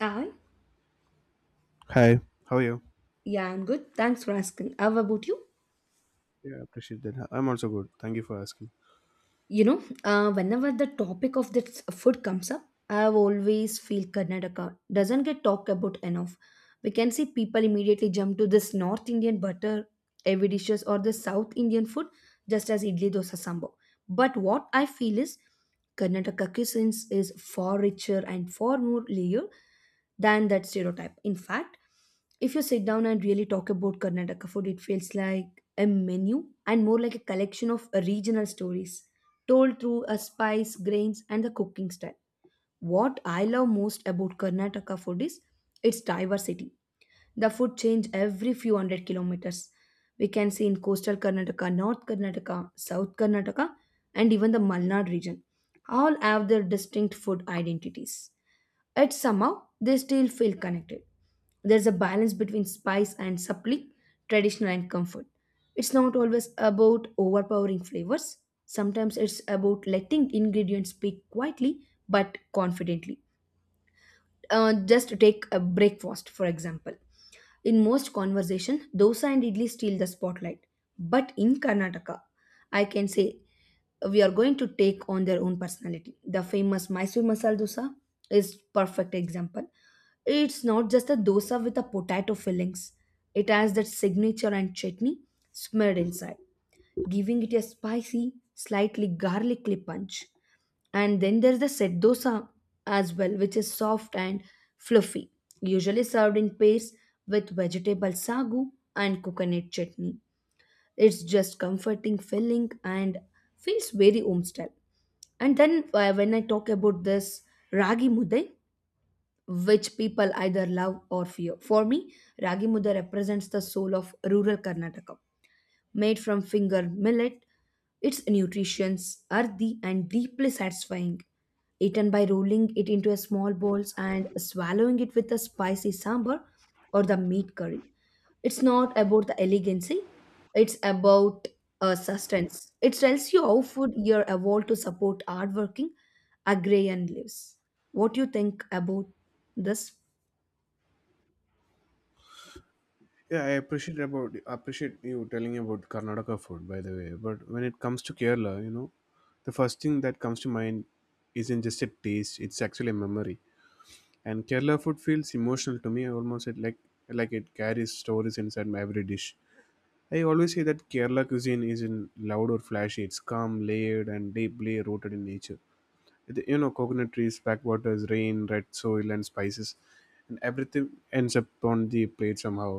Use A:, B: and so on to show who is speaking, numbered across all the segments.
A: Hi.
B: Hi, how are you?
A: Yeah, I'm good. Thanks for asking. How about you?
B: Yeah, I appreciate that. I'm also good. Thank you for asking.
A: You know Whenever the topic of this food comes up, I always feel Karnataka doesn't get talked about enough. We can see people immediately jump to this North Indian butter heavy dishes or the South Indian food, just as idli dosa sambar. But what I feel is Karnataka cuisine is far richer and far more layered than that stereotype. In fact, if you sit down and really talk about Karnataka food, it feels like a menu and more like a collection of regional stories told through a spice, grains, and the cooking style. What I love most about Karnataka food is its diversity. The food change every few hundred kilometers. We can see in coastal Karnataka, North Karnataka, South Karnataka, and even the Malnad region. All have their distinct food identities. Yet somehow they still feel connected. There's a balance between spice and supply, traditional and comfort. It's not always about overpowering flavors. Sometimes it's about letting ingredients speak quietly but confidently. Just take a breakfast for example. In most conversation dosa and idli steal the spotlight, but in Karnataka, I can say we are going to take on their own personality. The famous Mysore masala dosa is perfect example. It's not just a dosa with a potato fillings. It has that signature and chutney smeared inside, giving it a spicy, slightly garlicky punch. And then there's the set dosa as well, which is soft and fluffy, usually served in pairs with vegetable sagu and coconut chutney. It's just comforting, filling, and feels very home style. And then when I talk about this ragi mudai, which people either love or fear. For me, ragi mudai represents the soul of rural Karnataka, made from finger millet. Its nutritions, earthy and deeply satisfying. Eaten by rolling it into a small balls and swallowing it with a spicy sambar or the meat curry. It's not about the elegancy, it's about sustenance. It tells you how food year evolved to support hardworking agrarian lives. What do you think about this?
B: Yeah, I appreciate about appreciate you telling about Karnataka food, by the way. But when it comes to Kerala, you know, the first thing that comes to mind isn't just a taste; it's actually a memory. And Kerala food feels emotional to me. Almost it like it carries stories inside my every dish. I always say that Kerala cuisine isn't loud or flashy. It's calm, layered, and deeply rooted in nature. You know, coconut trees, backwaters, rain, red soil, and spices, and everything ends up on the plate somehow.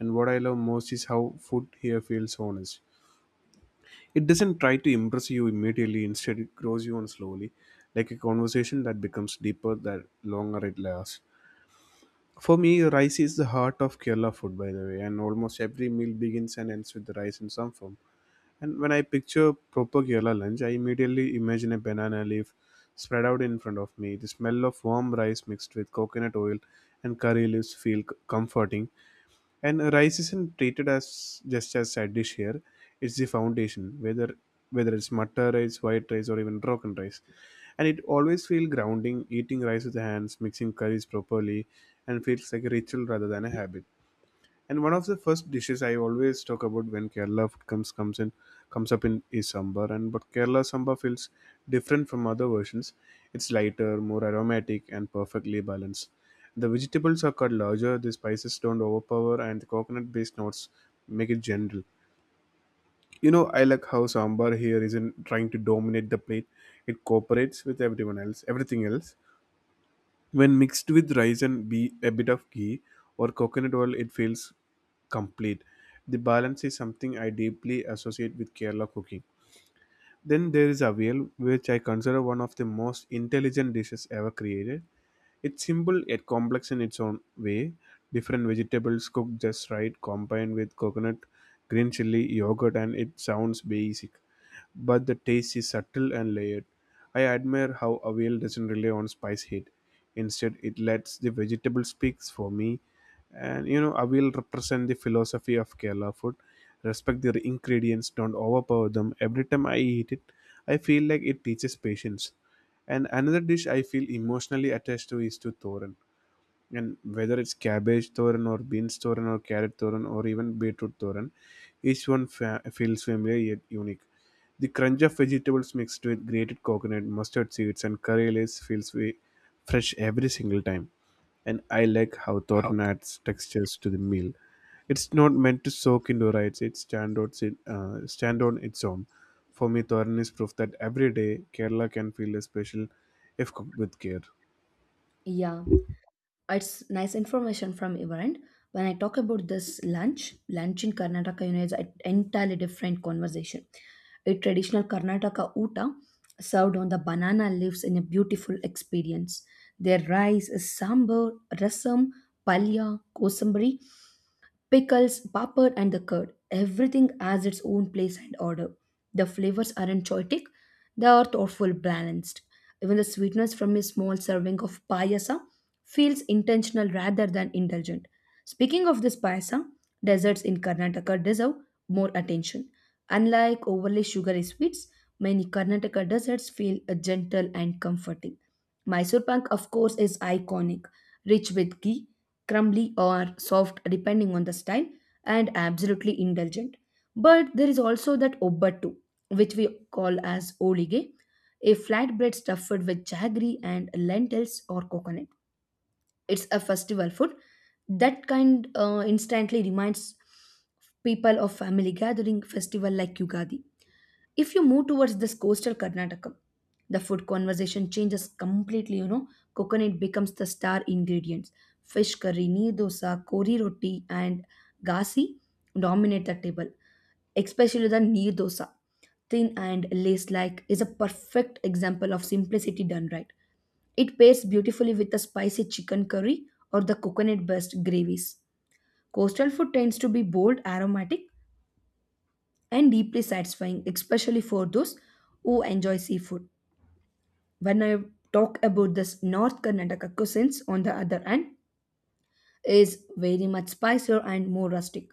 B: And what I love most is how food here feels honest. It doesn't try to impress you immediately; instead, it grows you on slowly, like a conversation that becomes deeper the longer it lasts. For me, rice is the heart of Kerala food, by the way, and almost every meal begins and ends with the rice in some form. And when I picture proper Kerala lunch, I immediately imagine a banana leaf spread out in front of me. The smell of warm rice mixed with coconut oil and curry leaves feel comforting. And rice isn't treated as just as side dish here; it's the foundation. Whether it's matta rice, white rice, or even broken rice, and it always feels grounding. Eating rice with the hands, mixing curries properly, and feels like a ritual rather than a habit. And one of the first dishes I always talk about when Kerala food comes comes in comes up in is sambar. And but Kerala sambar feels different from other versions. It's lighter, more aromatic, and perfectly balanced. The vegetables are cut larger. The spices don't overpower, and the coconut-based notes make it gentle. You know, I like how sambar here isn't trying to dominate the plate. It cooperates with everything else. When mixed with rice and be a bit of ghee or coconut oil, it feels complete. The balance is something I deeply associate with Kerala cooking. Then there is avial, which I consider one of the most intelligent dishes ever created. It's simple yet complex in its own way. Different vegetables cooked just right, combined with coconut, green chili, yogurt, and it sounds basic but the taste is subtle and layered. I admire how Avial doesn't rely on spice heat. Instead, it lets the vegetable speaks for me. And you know, Avial represent the philosophy of Kerala food. Respect their ingredients, don't overpower them. Every time I eat it, I feel like it teaches patience. And another dish I feel emotionally attached to is to Thoran, and whether it's cabbage thoran or beans thoran or carrot thoran or even beetroot thoran, each one feels familiar yet unique. The crunch of vegetables mixed with grated coconut, mustard seeds, and curry leaves feels way fresh every single time. And I like how thoran adds textures to the meal. It's not meant to soak into rice, it stand stand on its own. For me, thoran is proof that every day Kerala can feel a special if cooked with care.
A: Yeah. It's nice information from your end. When I talk about this lunch in Karnataka, you know, is an entirely different conversation. A traditional Karnataka uta served on the banana leaves in a beautiful experience. Their rice is sambar, rasam, palya, kosambari, pickles, papad, and the curd. Everything has its own place and order. The flavors aren't choitic, they are thoughtful, balanced. Even the sweetness from a small serving of payasa feels intentional rather than indulgent. Speaking of this payasa, desserts in Karnataka deserve more attention. Unlike overly sugary sweets, many Karnataka desserts feel gentle and comforting. Mysore Pak, of course, is iconic, rich with ghee, crumbly or soft depending on the style, and absolutely indulgent. But there is also that obbatu, which we call as olige, a flatbread stuffed with jaggery and lentils or coconut. It's a festival food that kind instantly reminds people of family gathering festival like Yugadi. If you move towards this coastal Karnataka, the food conversation changes completely. You know, coconut becomes the star ingredients. Fish curry, neer dosa, kori roti, and gasi dominate the table, especially the neer dosa. Thin and lace-like is a perfect example of simplicity done right. It pairs beautifully with the spicy chicken curry or the coconut-based gravies. Coastal food tends to be bold, aromatic, and deeply satisfying, especially for those who enjoy seafood. When I talk about this North Karnataka cuisines, on the other hand, is very much spicier and more rustic.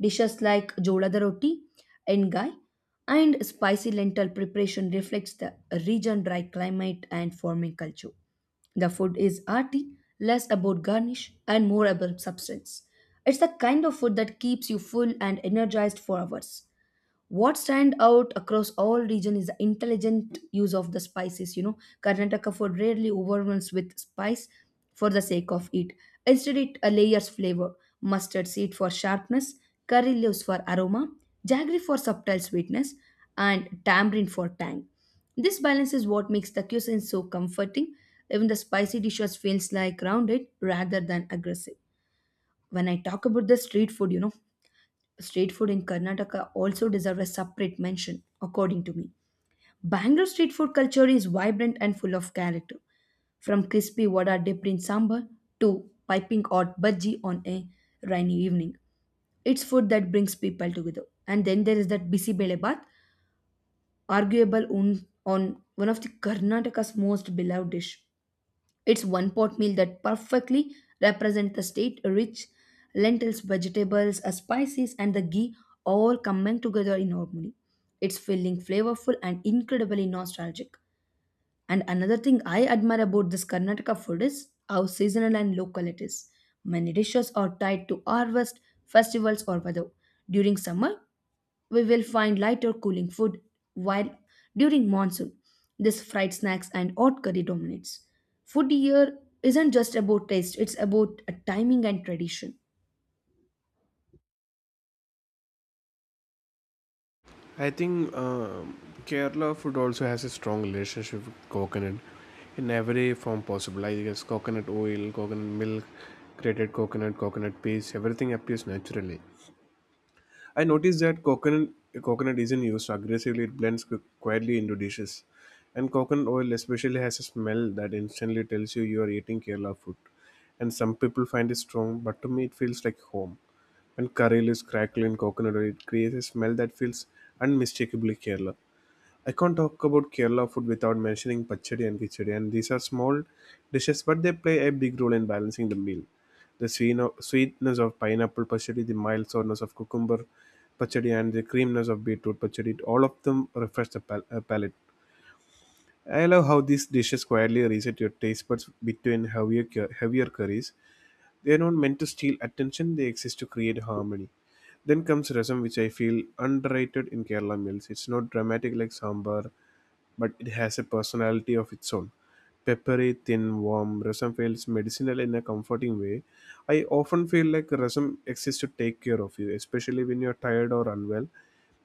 A: Dishes like jolada roti, engai, and spicy lentil preparation reflects the region dry climate and farming culture. The food is arty, less about garnish and more about substance. It's the kind of food that keeps you full and energized for hours. What stand out across all region is the intelligent use of the spices, you know. Karnataka food rarely overwhelms with spice for the sake of it. Instead, it layers flavor, mustard seed for sharpness, curry leaves for aroma, jaggery for subtle sweetness, and tamarind for tang. This balance is what makes the cuisine so comforting. Even the spicy dishes feels like rounded rather than aggressive. When I talk about the street food, you know, street food in Karnataka also deserves a separate mention, according to me. Bangalore street food culture is vibrant and full of character. From crispy vada dipped in sambar to piping hot bhaji on a rainy evening. It's food that brings people together. And then there is that bisi belebath, arguable on one of the Karnataka's most beloved dish. It's one pot meal that perfectly represents the state rich lentils, vegetables, spices, and the ghee all coming together in harmony. It's filling, flavorful, and incredibly nostalgic. And another thing I admire about this Karnataka food is how seasonal and local it is. Many dishes are tied to harvest, festivals, or weather. During summer, we will find lighter cooling food, while during monsoon, this fried snacks and hot curry dominates. Food here isn't just about taste, it's about a timing and tradition.
B: I think Kerala food also has a strong relationship with coconut in every form possible. I guess coconut oil, coconut milk, grated coconut, coconut paste, everything appears naturally. I noticed that coconut isn't used aggressively; it blends quietly into dishes. And coconut oil especially has a smell that instantly tells you you are eating Kerala food. And some people find it strong, but to me it feels like home. When curry leaves crackle in coconut oil, it creates a smell that feels unmistakably Kerala. I can't talk about Kerala food without mentioning pachadi and kichadi, and these are small dishes, but they play a big role in balancing the meal. The sweetness of pineapple pachadi, the mild sourness of cucumber pachadi, and the creaminess of beetroot pachadi, all of them refresh the palate. I love how these dishes quietly reset your taste buds between heavier curries. They are not meant to steal attention, they exist to create harmony. Then comes rasam, which I feel underrated in Kerala meals. It's not dramatic like sambar but it has a personality of its own. Peppery, thin, warm, rasam feels medicinal in a comforting way. I often feel like rasam exists to take care of you, especially when you're tired or unwell.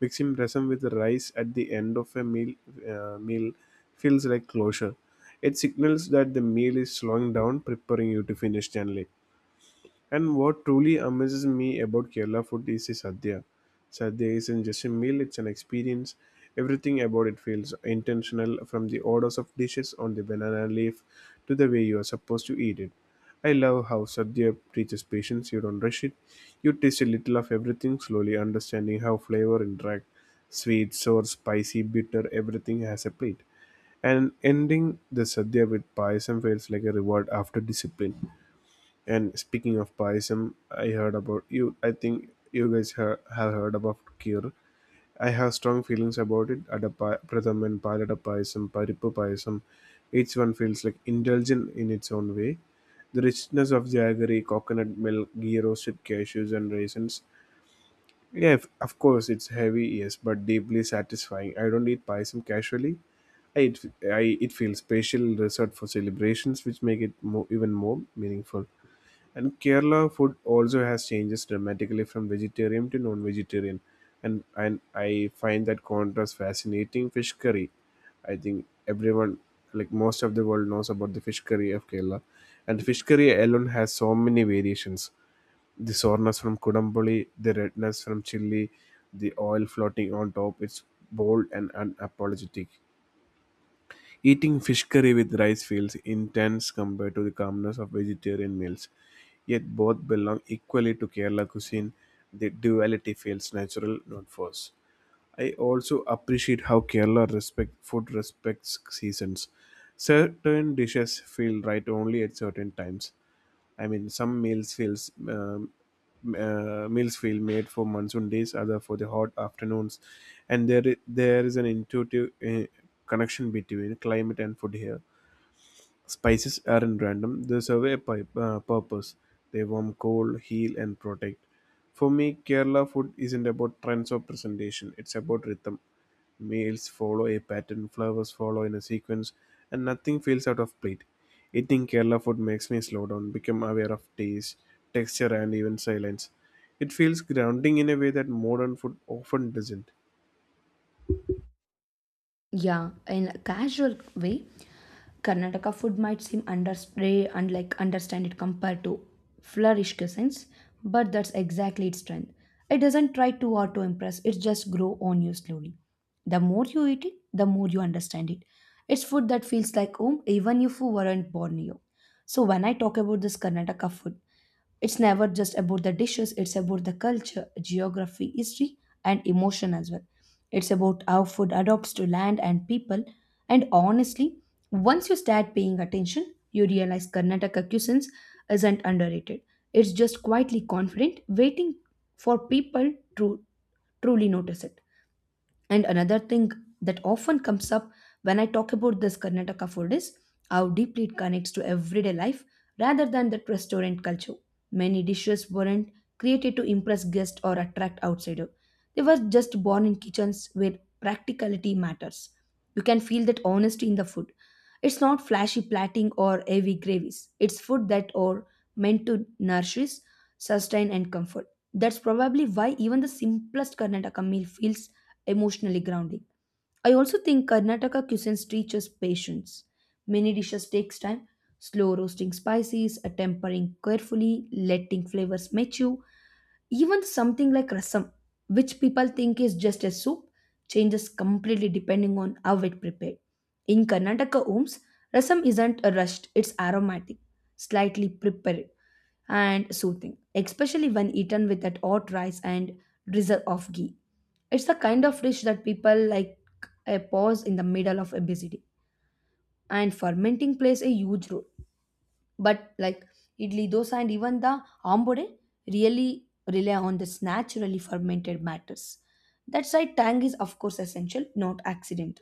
B: Mixing rasam with rice at the end of a meal feels like closure. It signals that the meal is slowing down, preparing you to finish gently. And what truly amazes me about Kerala food is the sadhya. Sadhya isn't just a meal, it's an experience. Everything about it feels intentional, from the orders of dishes on the banana leaf to the way you are supposed to eat it. I love how sadhya teaches patience, you don't rush it. You taste a little of everything, slowly understanding how flavor interact. Sweet, sour, spicy, bitter, everything has a plate. And ending the sadhya with payasam feels like a reward after discipline. And speaking of Paisam, I heard about you. I think you guys have heard about Kheer. I have strong feelings about it. Adapa Pratham and Palada Paisam, Paripu Paisam. Each one feels like indulgent in its own way. The richness of jaggery, coconut milk, ghee roasted cashews, and raisins. Yeah, of course, it's heavy, yes, but deeply satisfying. I don't eat Paisam casually. It feels special, reserved for celebrations, which make it even more meaningful. And Kerala food also has changes dramatically from vegetarian to non-vegetarian, and I find that contrast fascinating. Fish curry, I think everyone, like most of the world, knows about the fish curry of Kerala, and fish curry alone has so many variations. The soreness from kudampoli, the redness from chili, the oil floating on top. It's bold and unapologetic. Eating fish curry with rice feels intense compared to the calmness of vegetarian meals, yet both belong equally to Kerala cuisine. The duality feels natural, not forced. I also appreciate how Kerala respect food respects seasons. Certain dishes feel right only at certain times. I mean, some meals feel made for monsoon days, other for the hot afternoons, and there is an intuitive connection between climate and food here. Spices aren't random, they serve a purpose. They warm, cool, heal, and protect. For me, Kerala food isn't about trends or presentation, it's about rhythm. Meals follow a pattern, Flowers follow in a sequence, and nothing feels out of plate. Eating Kerala food makes me slow down, become aware of taste, texture, and even silence. It feels grounding in a way that modern food often doesn't.
A: Yeah, in a casual way, Karnataka food might seem understay and like understand it compared to flourish cuisines, but that's exactly its strength. It doesn't try too hard to impress; it just grow on you slowly. The more you eat it, the more you understand it. It's food that feels like home, even if you weren't born here. So when I talk about this Karnataka food, it's never just about the dishes, it's about the culture, geography, history, and emotion as well. It's about how food adapts to land and people. And honestly, once you start paying attention, you realize Karnataka cuisines isn't underrated. It's just quietly confident, waiting for people to truly notice it. And another thing that often comes up when I talk about this Karnataka food is how deeply it connects to everyday life rather than that restaurant culture. Many dishes weren't created to impress guests or attract outsiders. They were just born in kitchens where practicality matters. You can feel that honesty in the food. It's not flashy plating or heavy gravies. It's food that are meant to nourish, sustain, and comfort. That's probably why even the simplest Karnataka meal feels emotionally grounding. I also think Karnataka cuisines teaches patience. Many dishes takes time, slow roasting spices, a tempering carefully, letting flavors mature. Even something like rasam, which people think is just a soup, changes completely depending on how it prepared. In Karnataka homes, rasam isn't a rushed, it's aromatic, slightly prepared and soothing, especially when eaten with that hot rice and drizzle of ghee. It's the kind of dish that people like a pause in the middle of a busy day, and fermenting plays a huge role, but like idli, dosa, and even the ambode really rely on this naturally fermented matters. That's why tang is, of course, essential, not accident.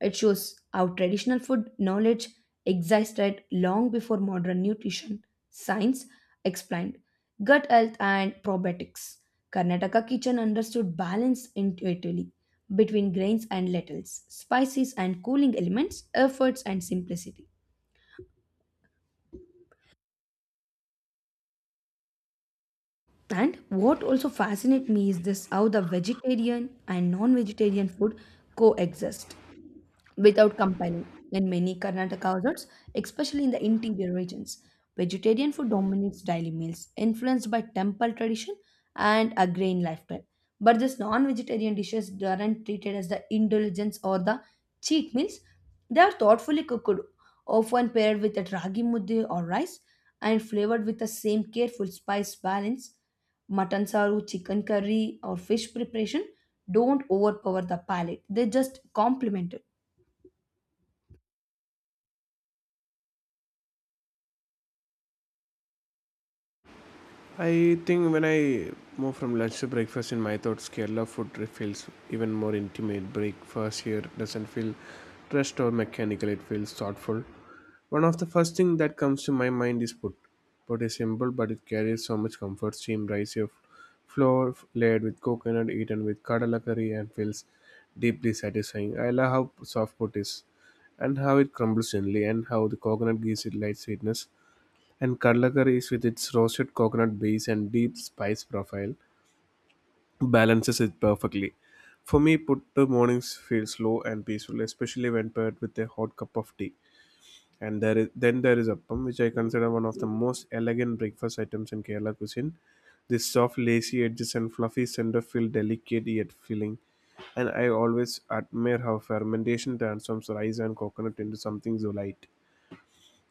A: It shows how traditional food knowledge existed long before modern nutrition science explained gut health and probiotics. Karnataka kitchen understood balance intuitively between grains and lentils, spices and cooling elements, efforts and simplicity. And what also fascinates me is this how the vegetarian and non vegetarian food coexist without company in many Karnataka households, especially in the interior regions. Vegetarian food dominates daily meals, influenced by temple tradition and agrarian lifestyle. But these non-vegetarian dishes aren't treated as the indulgence or the cheat meals. They are thoughtfully cooked, often paired with a ragi mudde or rice, and flavored with the same careful spice balance. Mutton saru, chicken curry, or fish preparation don't overpower the palate. They just complement it.
B: I think when I move from lunch to breakfast in my thoughts, Kerala food feels even more intimate. Breakfast here doesn't feel rushed or mechanical, it feels thoughtful. One of the first things that comes to my mind is put. Put is simple, but it carries so much comfort. Steamed rice here, flour layered with coconut, eaten with kadala curry, and feels deeply satisfying. I love how soft put is, and how it crumbles gently, and how the coconut gives it light sweetness. And Kadlakar is with its roasted coconut base and deep spice profile balances it perfectly. For me, Puttu mornings feel slow and peaceful, especially when paired with a hot cup of tea. And then there is appam, which I consider one of the most elegant breakfast items in Kerala cuisine. This soft, lacy edges and fluffy center feel delicate yet filling. And I always admire how fermentation transforms rice and coconut into something so light.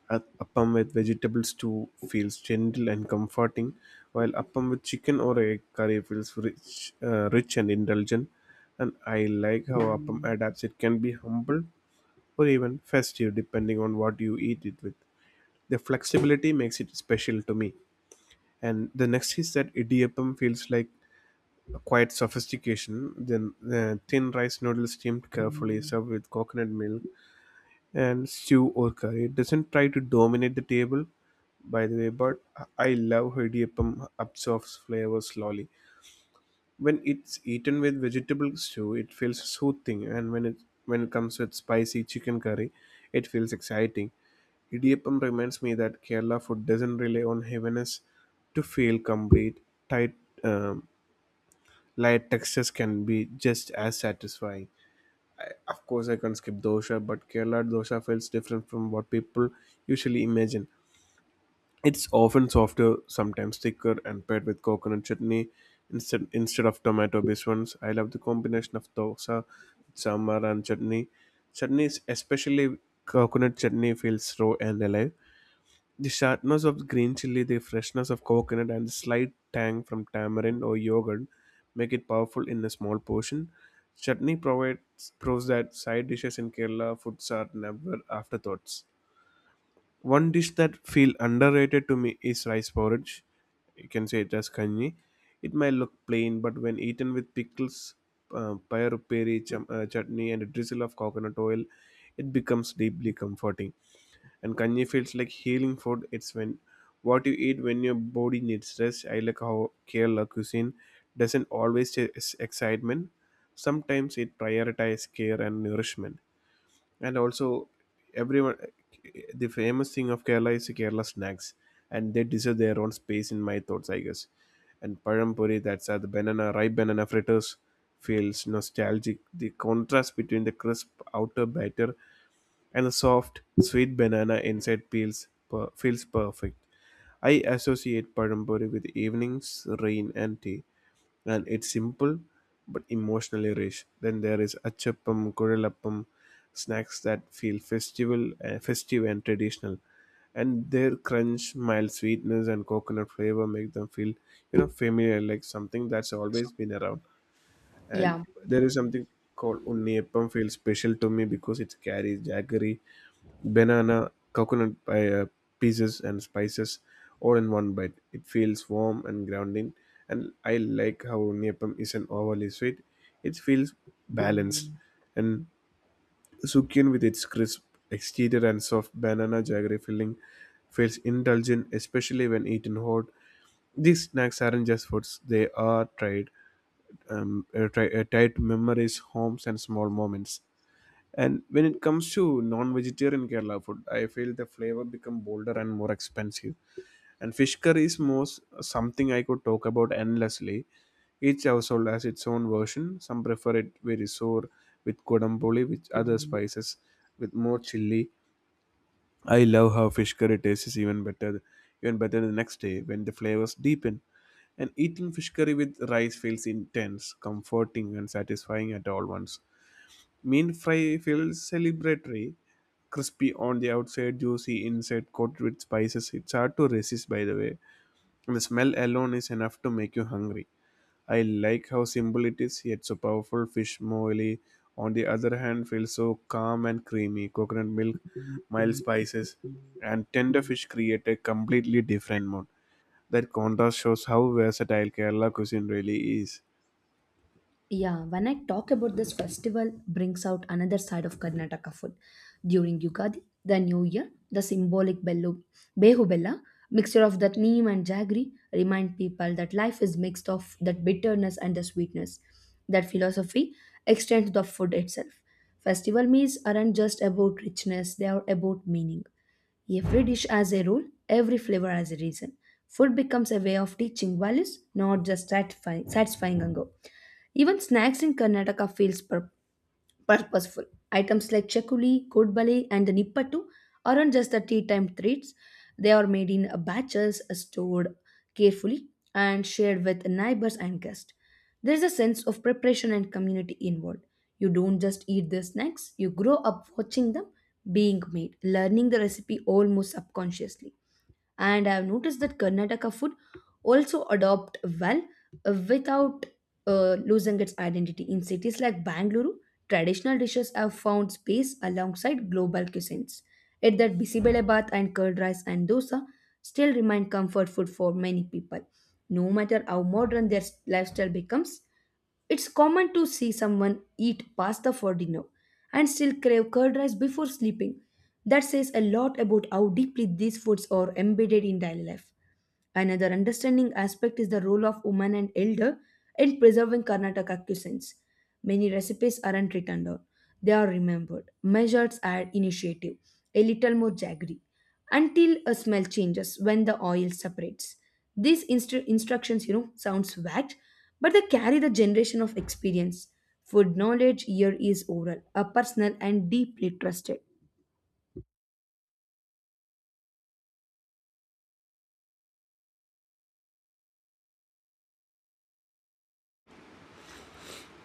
B: A appam with vegetables too feels gentle and comforting, while appam with chicken or egg curry feels rich and indulgent. And I like how appam adapts. It can be humble or even festive depending on what you eat it with. The flexibility makes it special to me. And the next is that idiyappam feels like a quiet sophistication. Then the thin rice noodles steamed carefully, served with coconut milk and stew or curry. It doesn't try to dominate the table, by the way, but I love how idiyappam absorbs flavor slowly. When it's eaten with vegetable stew, it feels soothing, and when it comes with spicy chicken curry, it feels exciting. Idiyappam reminds me that Kerala food doesn't rely on heaviness to feel complete. Tight, um, Light textures can be just as satisfying. Of course, I can't skip dosa, but Kerala dosa feels different from what people usually imagine. It's often softer, sometimes thicker, and paired with coconut chutney instead of tomato-based ones. I love the combination of dosa, sambar, and chutney. Chutney, especially coconut chutney, feels raw and alive. The sharpness of green chili, the freshness of coconut, and the slight tang from tamarind or yogurt make it powerful in a small portion. Chutney provides proves that side dishes in Kerala foods are never afterthoughts. One dish that feel underrated to me is rice porridge. You can say it as kanji. It may look plain, but when eaten with pickles, payar peri chum, chutney, and a drizzle of coconut oil, it becomes deeply comforting and kanji feels like healing food. It's when what you eat when your body needs rest. I like how Kerala cuisine doesn't always chase excitement. Sometimes it prioritizes care and nourishment. And also, everyone, the famous thing of Kerala is Kerala snacks, and they deserve their own space in my thoughts, I guess. And parampuri, that's the banana, ripe banana fritters, feels nostalgic. The contrast between the crisp outer batter and the soft, sweet banana inside feels perfect. I associate Padampuri with evenings, rain, and tea, and it's simple but emotionally rich. Then there is Achappam, Kuralappam, snacks that feel festive and traditional, and their crunch, mild sweetness, and coconut flavor make them feel, you know, familiar, like something that's always been around. And
A: Yeah.
B: there is something called Unniyappam feels special to me because it carries jaggery banana, coconut pieces, and spices all in one bite. It feels warm and grounding, and I like how Neppam isn't overly sweet. It feels balanced, and Sukyun with its crisp exterior and soft banana jaggery filling feels indulgent, especially when eaten hot. These snacks aren't just foods; they are tied to memories, homes, and small moments. And when it comes to non-vegetarian Kerala food, I feel the flavor become bolder and more expensive. And fish curry is most something I could talk about endlessly. Each household has its own version. Some prefer it very sour with kodampoli, with other spices, with more chili. I love how fish curry tastes even better the next day when the flavors deepen. And eating fish curry with rice feels intense, comforting, and satisfying at all once. Mean fry feels celebratory, crispy on the outside, juicy inside, coated with spices. It's hard to resist, by the way. And the smell alone is enough to make you hungry. I like how simple it is, yet so powerful. Fish moly, on the other hand, feels so calm and creamy. Coconut milk, mild spices, and tender fish create a completely different mood. That contrast shows how versatile Kerala cuisine really is.
A: Yeah, when I talk about this festival, brings out another side of Karnataka food. During Yugadi, the New Year, the symbolic bellu, behu bella, mixture of that neem and jaggery, remind people that life is mixed of that bitterness and the sweetness. That philosophy extends to the food itself. Festival meals aren't just about richness; they are about meaning. Every dish has a role, every flavor has a reason. Food becomes a way of teaching values, not just satisfying hunger. Even snacks in Karnataka feels purposeful. Items like chakuli, kodbale, and the nippattu aren't just the tea time treats. They are made in batches, stored carefully, and shared with neighbors and guests. There is a sense of preparation and community involved. You don't just eat the snacks; you grow up watching them being made, learning the recipe almost subconsciously. And I've noticed that Karnataka food also adopt well, without losing its identity. In cities like Bangalore, traditional dishes have found space alongside global cuisines, yet that bisibele bath and curd rice and dosa still remain comfort food for many people, no matter how modern their lifestyle becomes. It's common to see someone eat pasta for dinner and still crave curd rice before sleeping. That says a lot about how deeply these foods are embedded in daily life. Another understanding aspect is the role of women and elder in preserving Karnataka cuisines. Many recipes aren't written down, they are remembered, measured at initiative, a little more jaggery, until a smell changes when the oil separates. These instructions, you know, sounds vague, but they carry the generation of experience. Food knowledge here is oral, a personal and deeply trusted.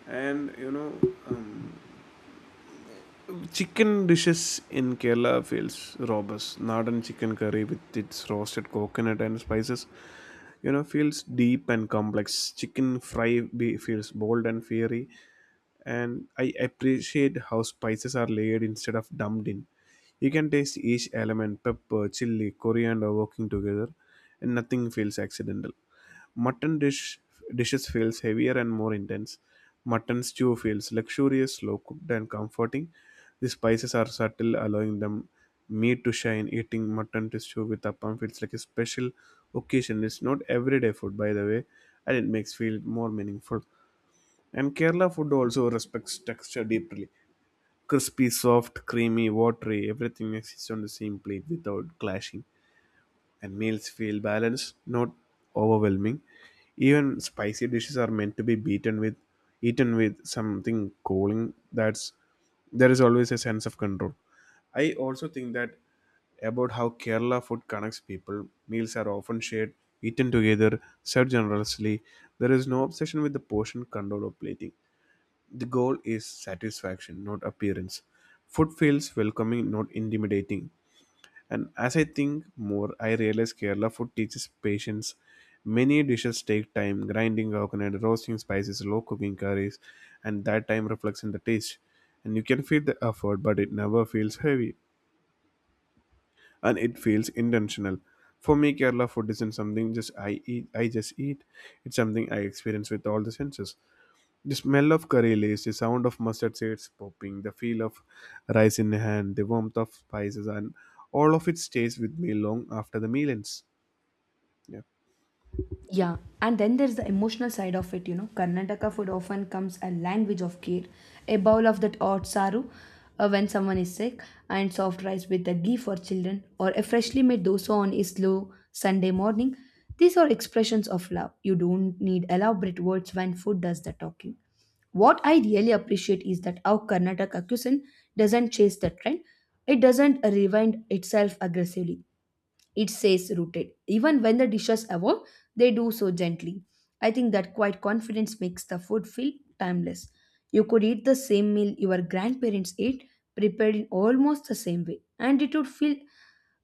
B: And you know, um, chicken dishes in Kerala feels robust nadan chicken curry with its roasted coconut and spices you know feels deep and complex chicken fry be feels bold and fiery and I appreciate how spices are layered instead of dumped in. You can taste each element pepper, chili, coriander working together, and nothing feels accidental. Mutton dishes feels heavier and more intense. Mutton stew feels luxurious, slow cooked, and comforting. The spices are subtle, allowing them meat to shine. Eating mutton stew with appam feels like a special occasion. It's not everyday food, by the way, and it makes feel more meaningful. And Kerala food also respects texture deeply. Crispy, soft, creamy, watery, everything exists on the same plate without clashing. And meals feel balanced, not overwhelming. Even spicy dishes are meant to be beaten with eaten with something cooling. That's there is always a sense of control. I also think that about how Kerala food connects people. Meals are often shared, eaten together, served generously. There is no obsession with the portion control or plating. The goal is satisfaction, not appearance. Food feels welcoming, not intimidating. And as I think more, I realize Kerala food teaches patience. Many dishes take time, grinding coconut, roasting spices, low cooking curries, and that time reflects in the taste. And you can feel the effort, but it never feels heavy, and it feels intentional. For me, Kerala food isn't something just I eat. I just eat. It's something I experience with all the senses. The smell of curry leaves, the sound of mustard seeds popping, the feel of rice in hand, the warmth of spices, and all of it stays with me long after the meal ends. Yeah.
A: Yeah, and then there's the emotional side of it, you know. Karnataka food often comes a language of care. A bowl of that hot saru when someone is sick, and soft rice with the ghee for children, or a freshly made dosa on a slow Sunday morning. These are expressions of love. You don't need elaborate words when food does the talking. What I really appreciate is that our Karnataka cuisine doesn't chase the trend. It doesn't rewind itself aggressively, it says rooted. Even when the dishes evolve, they do so gently. I think that quiet confidence makes the food feel timeless. You could eat the same meal your grandparents ate, prepared in almost the same way, and it would feel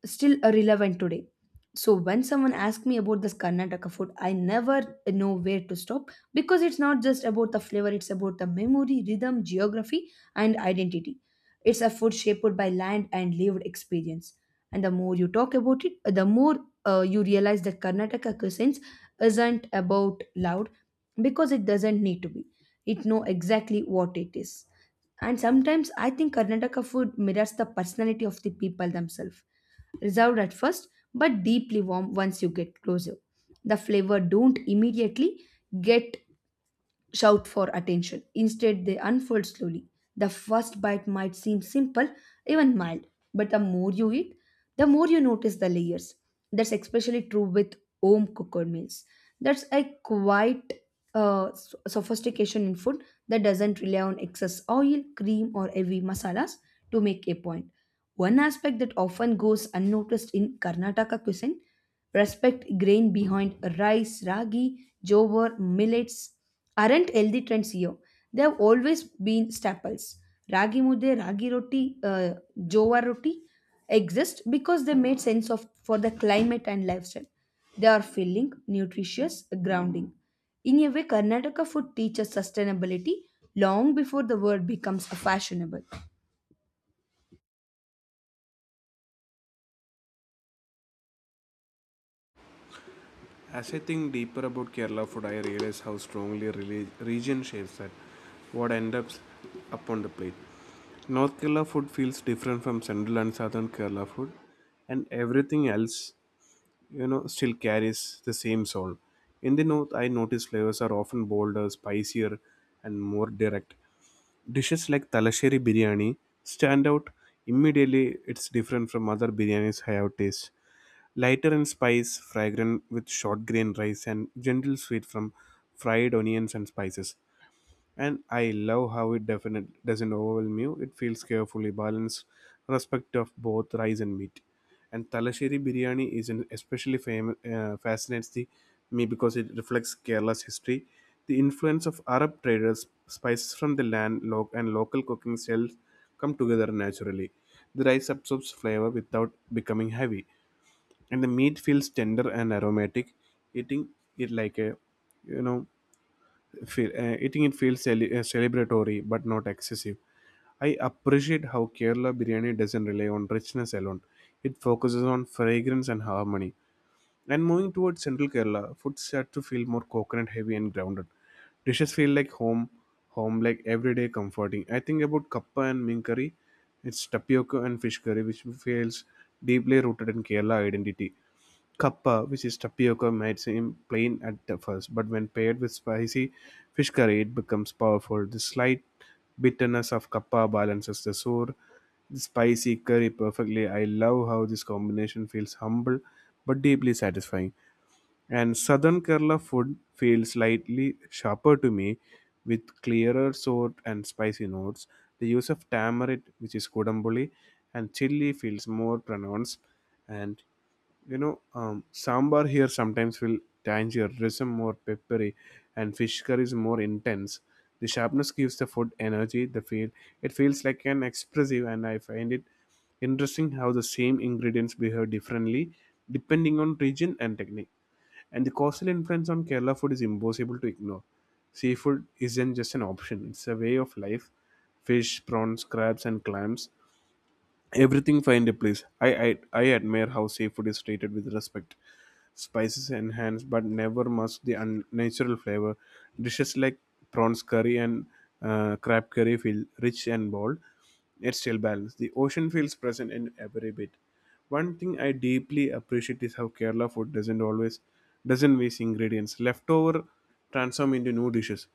A: still relevant today. So when someone asks me about this Karnataka food, I never know where to stop, because it's not just about the flavor, it's about the memory, rhythm, geography, and identity. It's a food shaped by land and lived experience. And the more you talk about it, the more you realize that Karnataka cuisines isn't about loud because it doesn't need to be. It know exactly what it is. And sometimes I think Karnataka food mirrors the personality of the people themselves. Reserved at first, but deeply warm once you get closer. The flavor don't immediately get shout for attention. Instead, they unfold slowly. The first bite might seem simple, even mild, but the more you eat, the more you notice the layers. That's especially true with home cooked meals. That's a quite sophistication in food that doesn't rely on excess oil, cream, or heavy masalas to make a point. One aspect that often goes unnoticed in Karnataka cuisine respect grain behind rice, ragi, jowar, millets aren't healthy trends here. They have always been staples. Ragi mudde, ragi roti, jowar roti exist because they made sense of for the climate and lifestyle. They are filling, nutritious, grounding. In a way, Karnataka food teaches sustainability long before the word becomes fashionable.
B: As I think deeper about Kerala food, I realize how strongly region shapes that what ends up upon the plate. North Kerala food feels different from Central and Southern Kerala food, and everything else, you know, still carries the same soul. In the North, I notice flavors are often bolder, spicier, and more direct. Dishes like Talasheri biryani stand out immediately. It's different from other biryanis I have tasted. Lighter in spice, fragrant with short grain rice, and gentle sweet from fried onions and spices, and I love how it definitely doesn't overwhelm you. It feels carefully balanced, respect of both rice and meat. And Talasheri biryani is an especially fascinates the me because it reflects Kerala's history, the influence of Arab traders, spices from the land, and local cooking styles come together naturally. The rice absorbs flavor without becoming heavy, and the meat feels tender and aromatic. Eating it like a, you know, Feel, eating it feels celebratory but not excessive. I appreciate how Kerala biryani doesn't rely on richness alone. It focuses on fragrance and harmony. And moving towards central Kerala, food starts to feel more coconut heavy and grounded. Dishes feel like home like everyday comforting. I think about kappa and mink curry. It's tapioca and fish curry, which feels deeply rooted in Kerala identity. Kappa, which is tapioca, might seem plain at the first, but when paired with spicy fish curry, it becomes powerful. The slight bitterness of kappa balances the sour, the spicy curry perfectly. I love how this combination feels humble but deeply satisfying. And southern Kerala food feels slightly sharper to me with clearer sour and spicy notes. The use of tamarind, which is kodamboli, and chili feels more pronounced, and sambar here sometimes will tangier rhythm more peppery, and fish curry is more intense. The sharpness gives the food energy the feel, it feels like an expressive, and I find it interesting how the same ingredients behave differently depending on region and technique. And the coastal influence on Kerala food is impossible to ignore. Seafood isn't just an option, it's a way of life. Fish, prawns, crabs, and clams, everything find a place. I admire how seafood is treated with respect. Spices enhance but never mask the unnatural flavor. Dishes like prawns curry and crab curry feel rich and bold. Yet still balanced. The ocean feels present in every bit. One thing I deeply appreciate is how Kerala food doesn't always doesn't waste ingredients. Leftover transform into new dishes.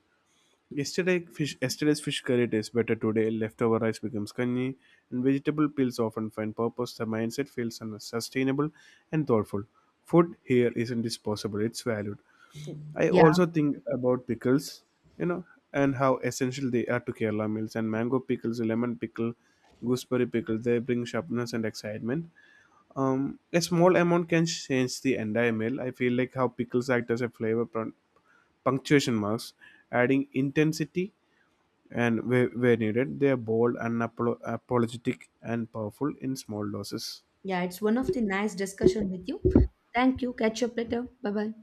B: Yesterday's fish curry tastes better today. Leftover rice becomes kanji, and vegetable peels often find purpose. The mindset feels sustainable and thoughtful. Food here isn't disposable; it's valued. I
A: Yeah.
B: also think about pickles, you know, and how essential they are to Kerala meals. And mango pickles, lemon pickle, gooseberry pickle, they bring sharpness and excitement. A small amount can change the entire meal. I feel like how pickles act as a flavor punctuation marks, adding intensity and where needed they are bold unapologetic and powerful in small doses
A: Yeah, it's one of the nice discussion with you. Thank you. Catch up later. Bye bye.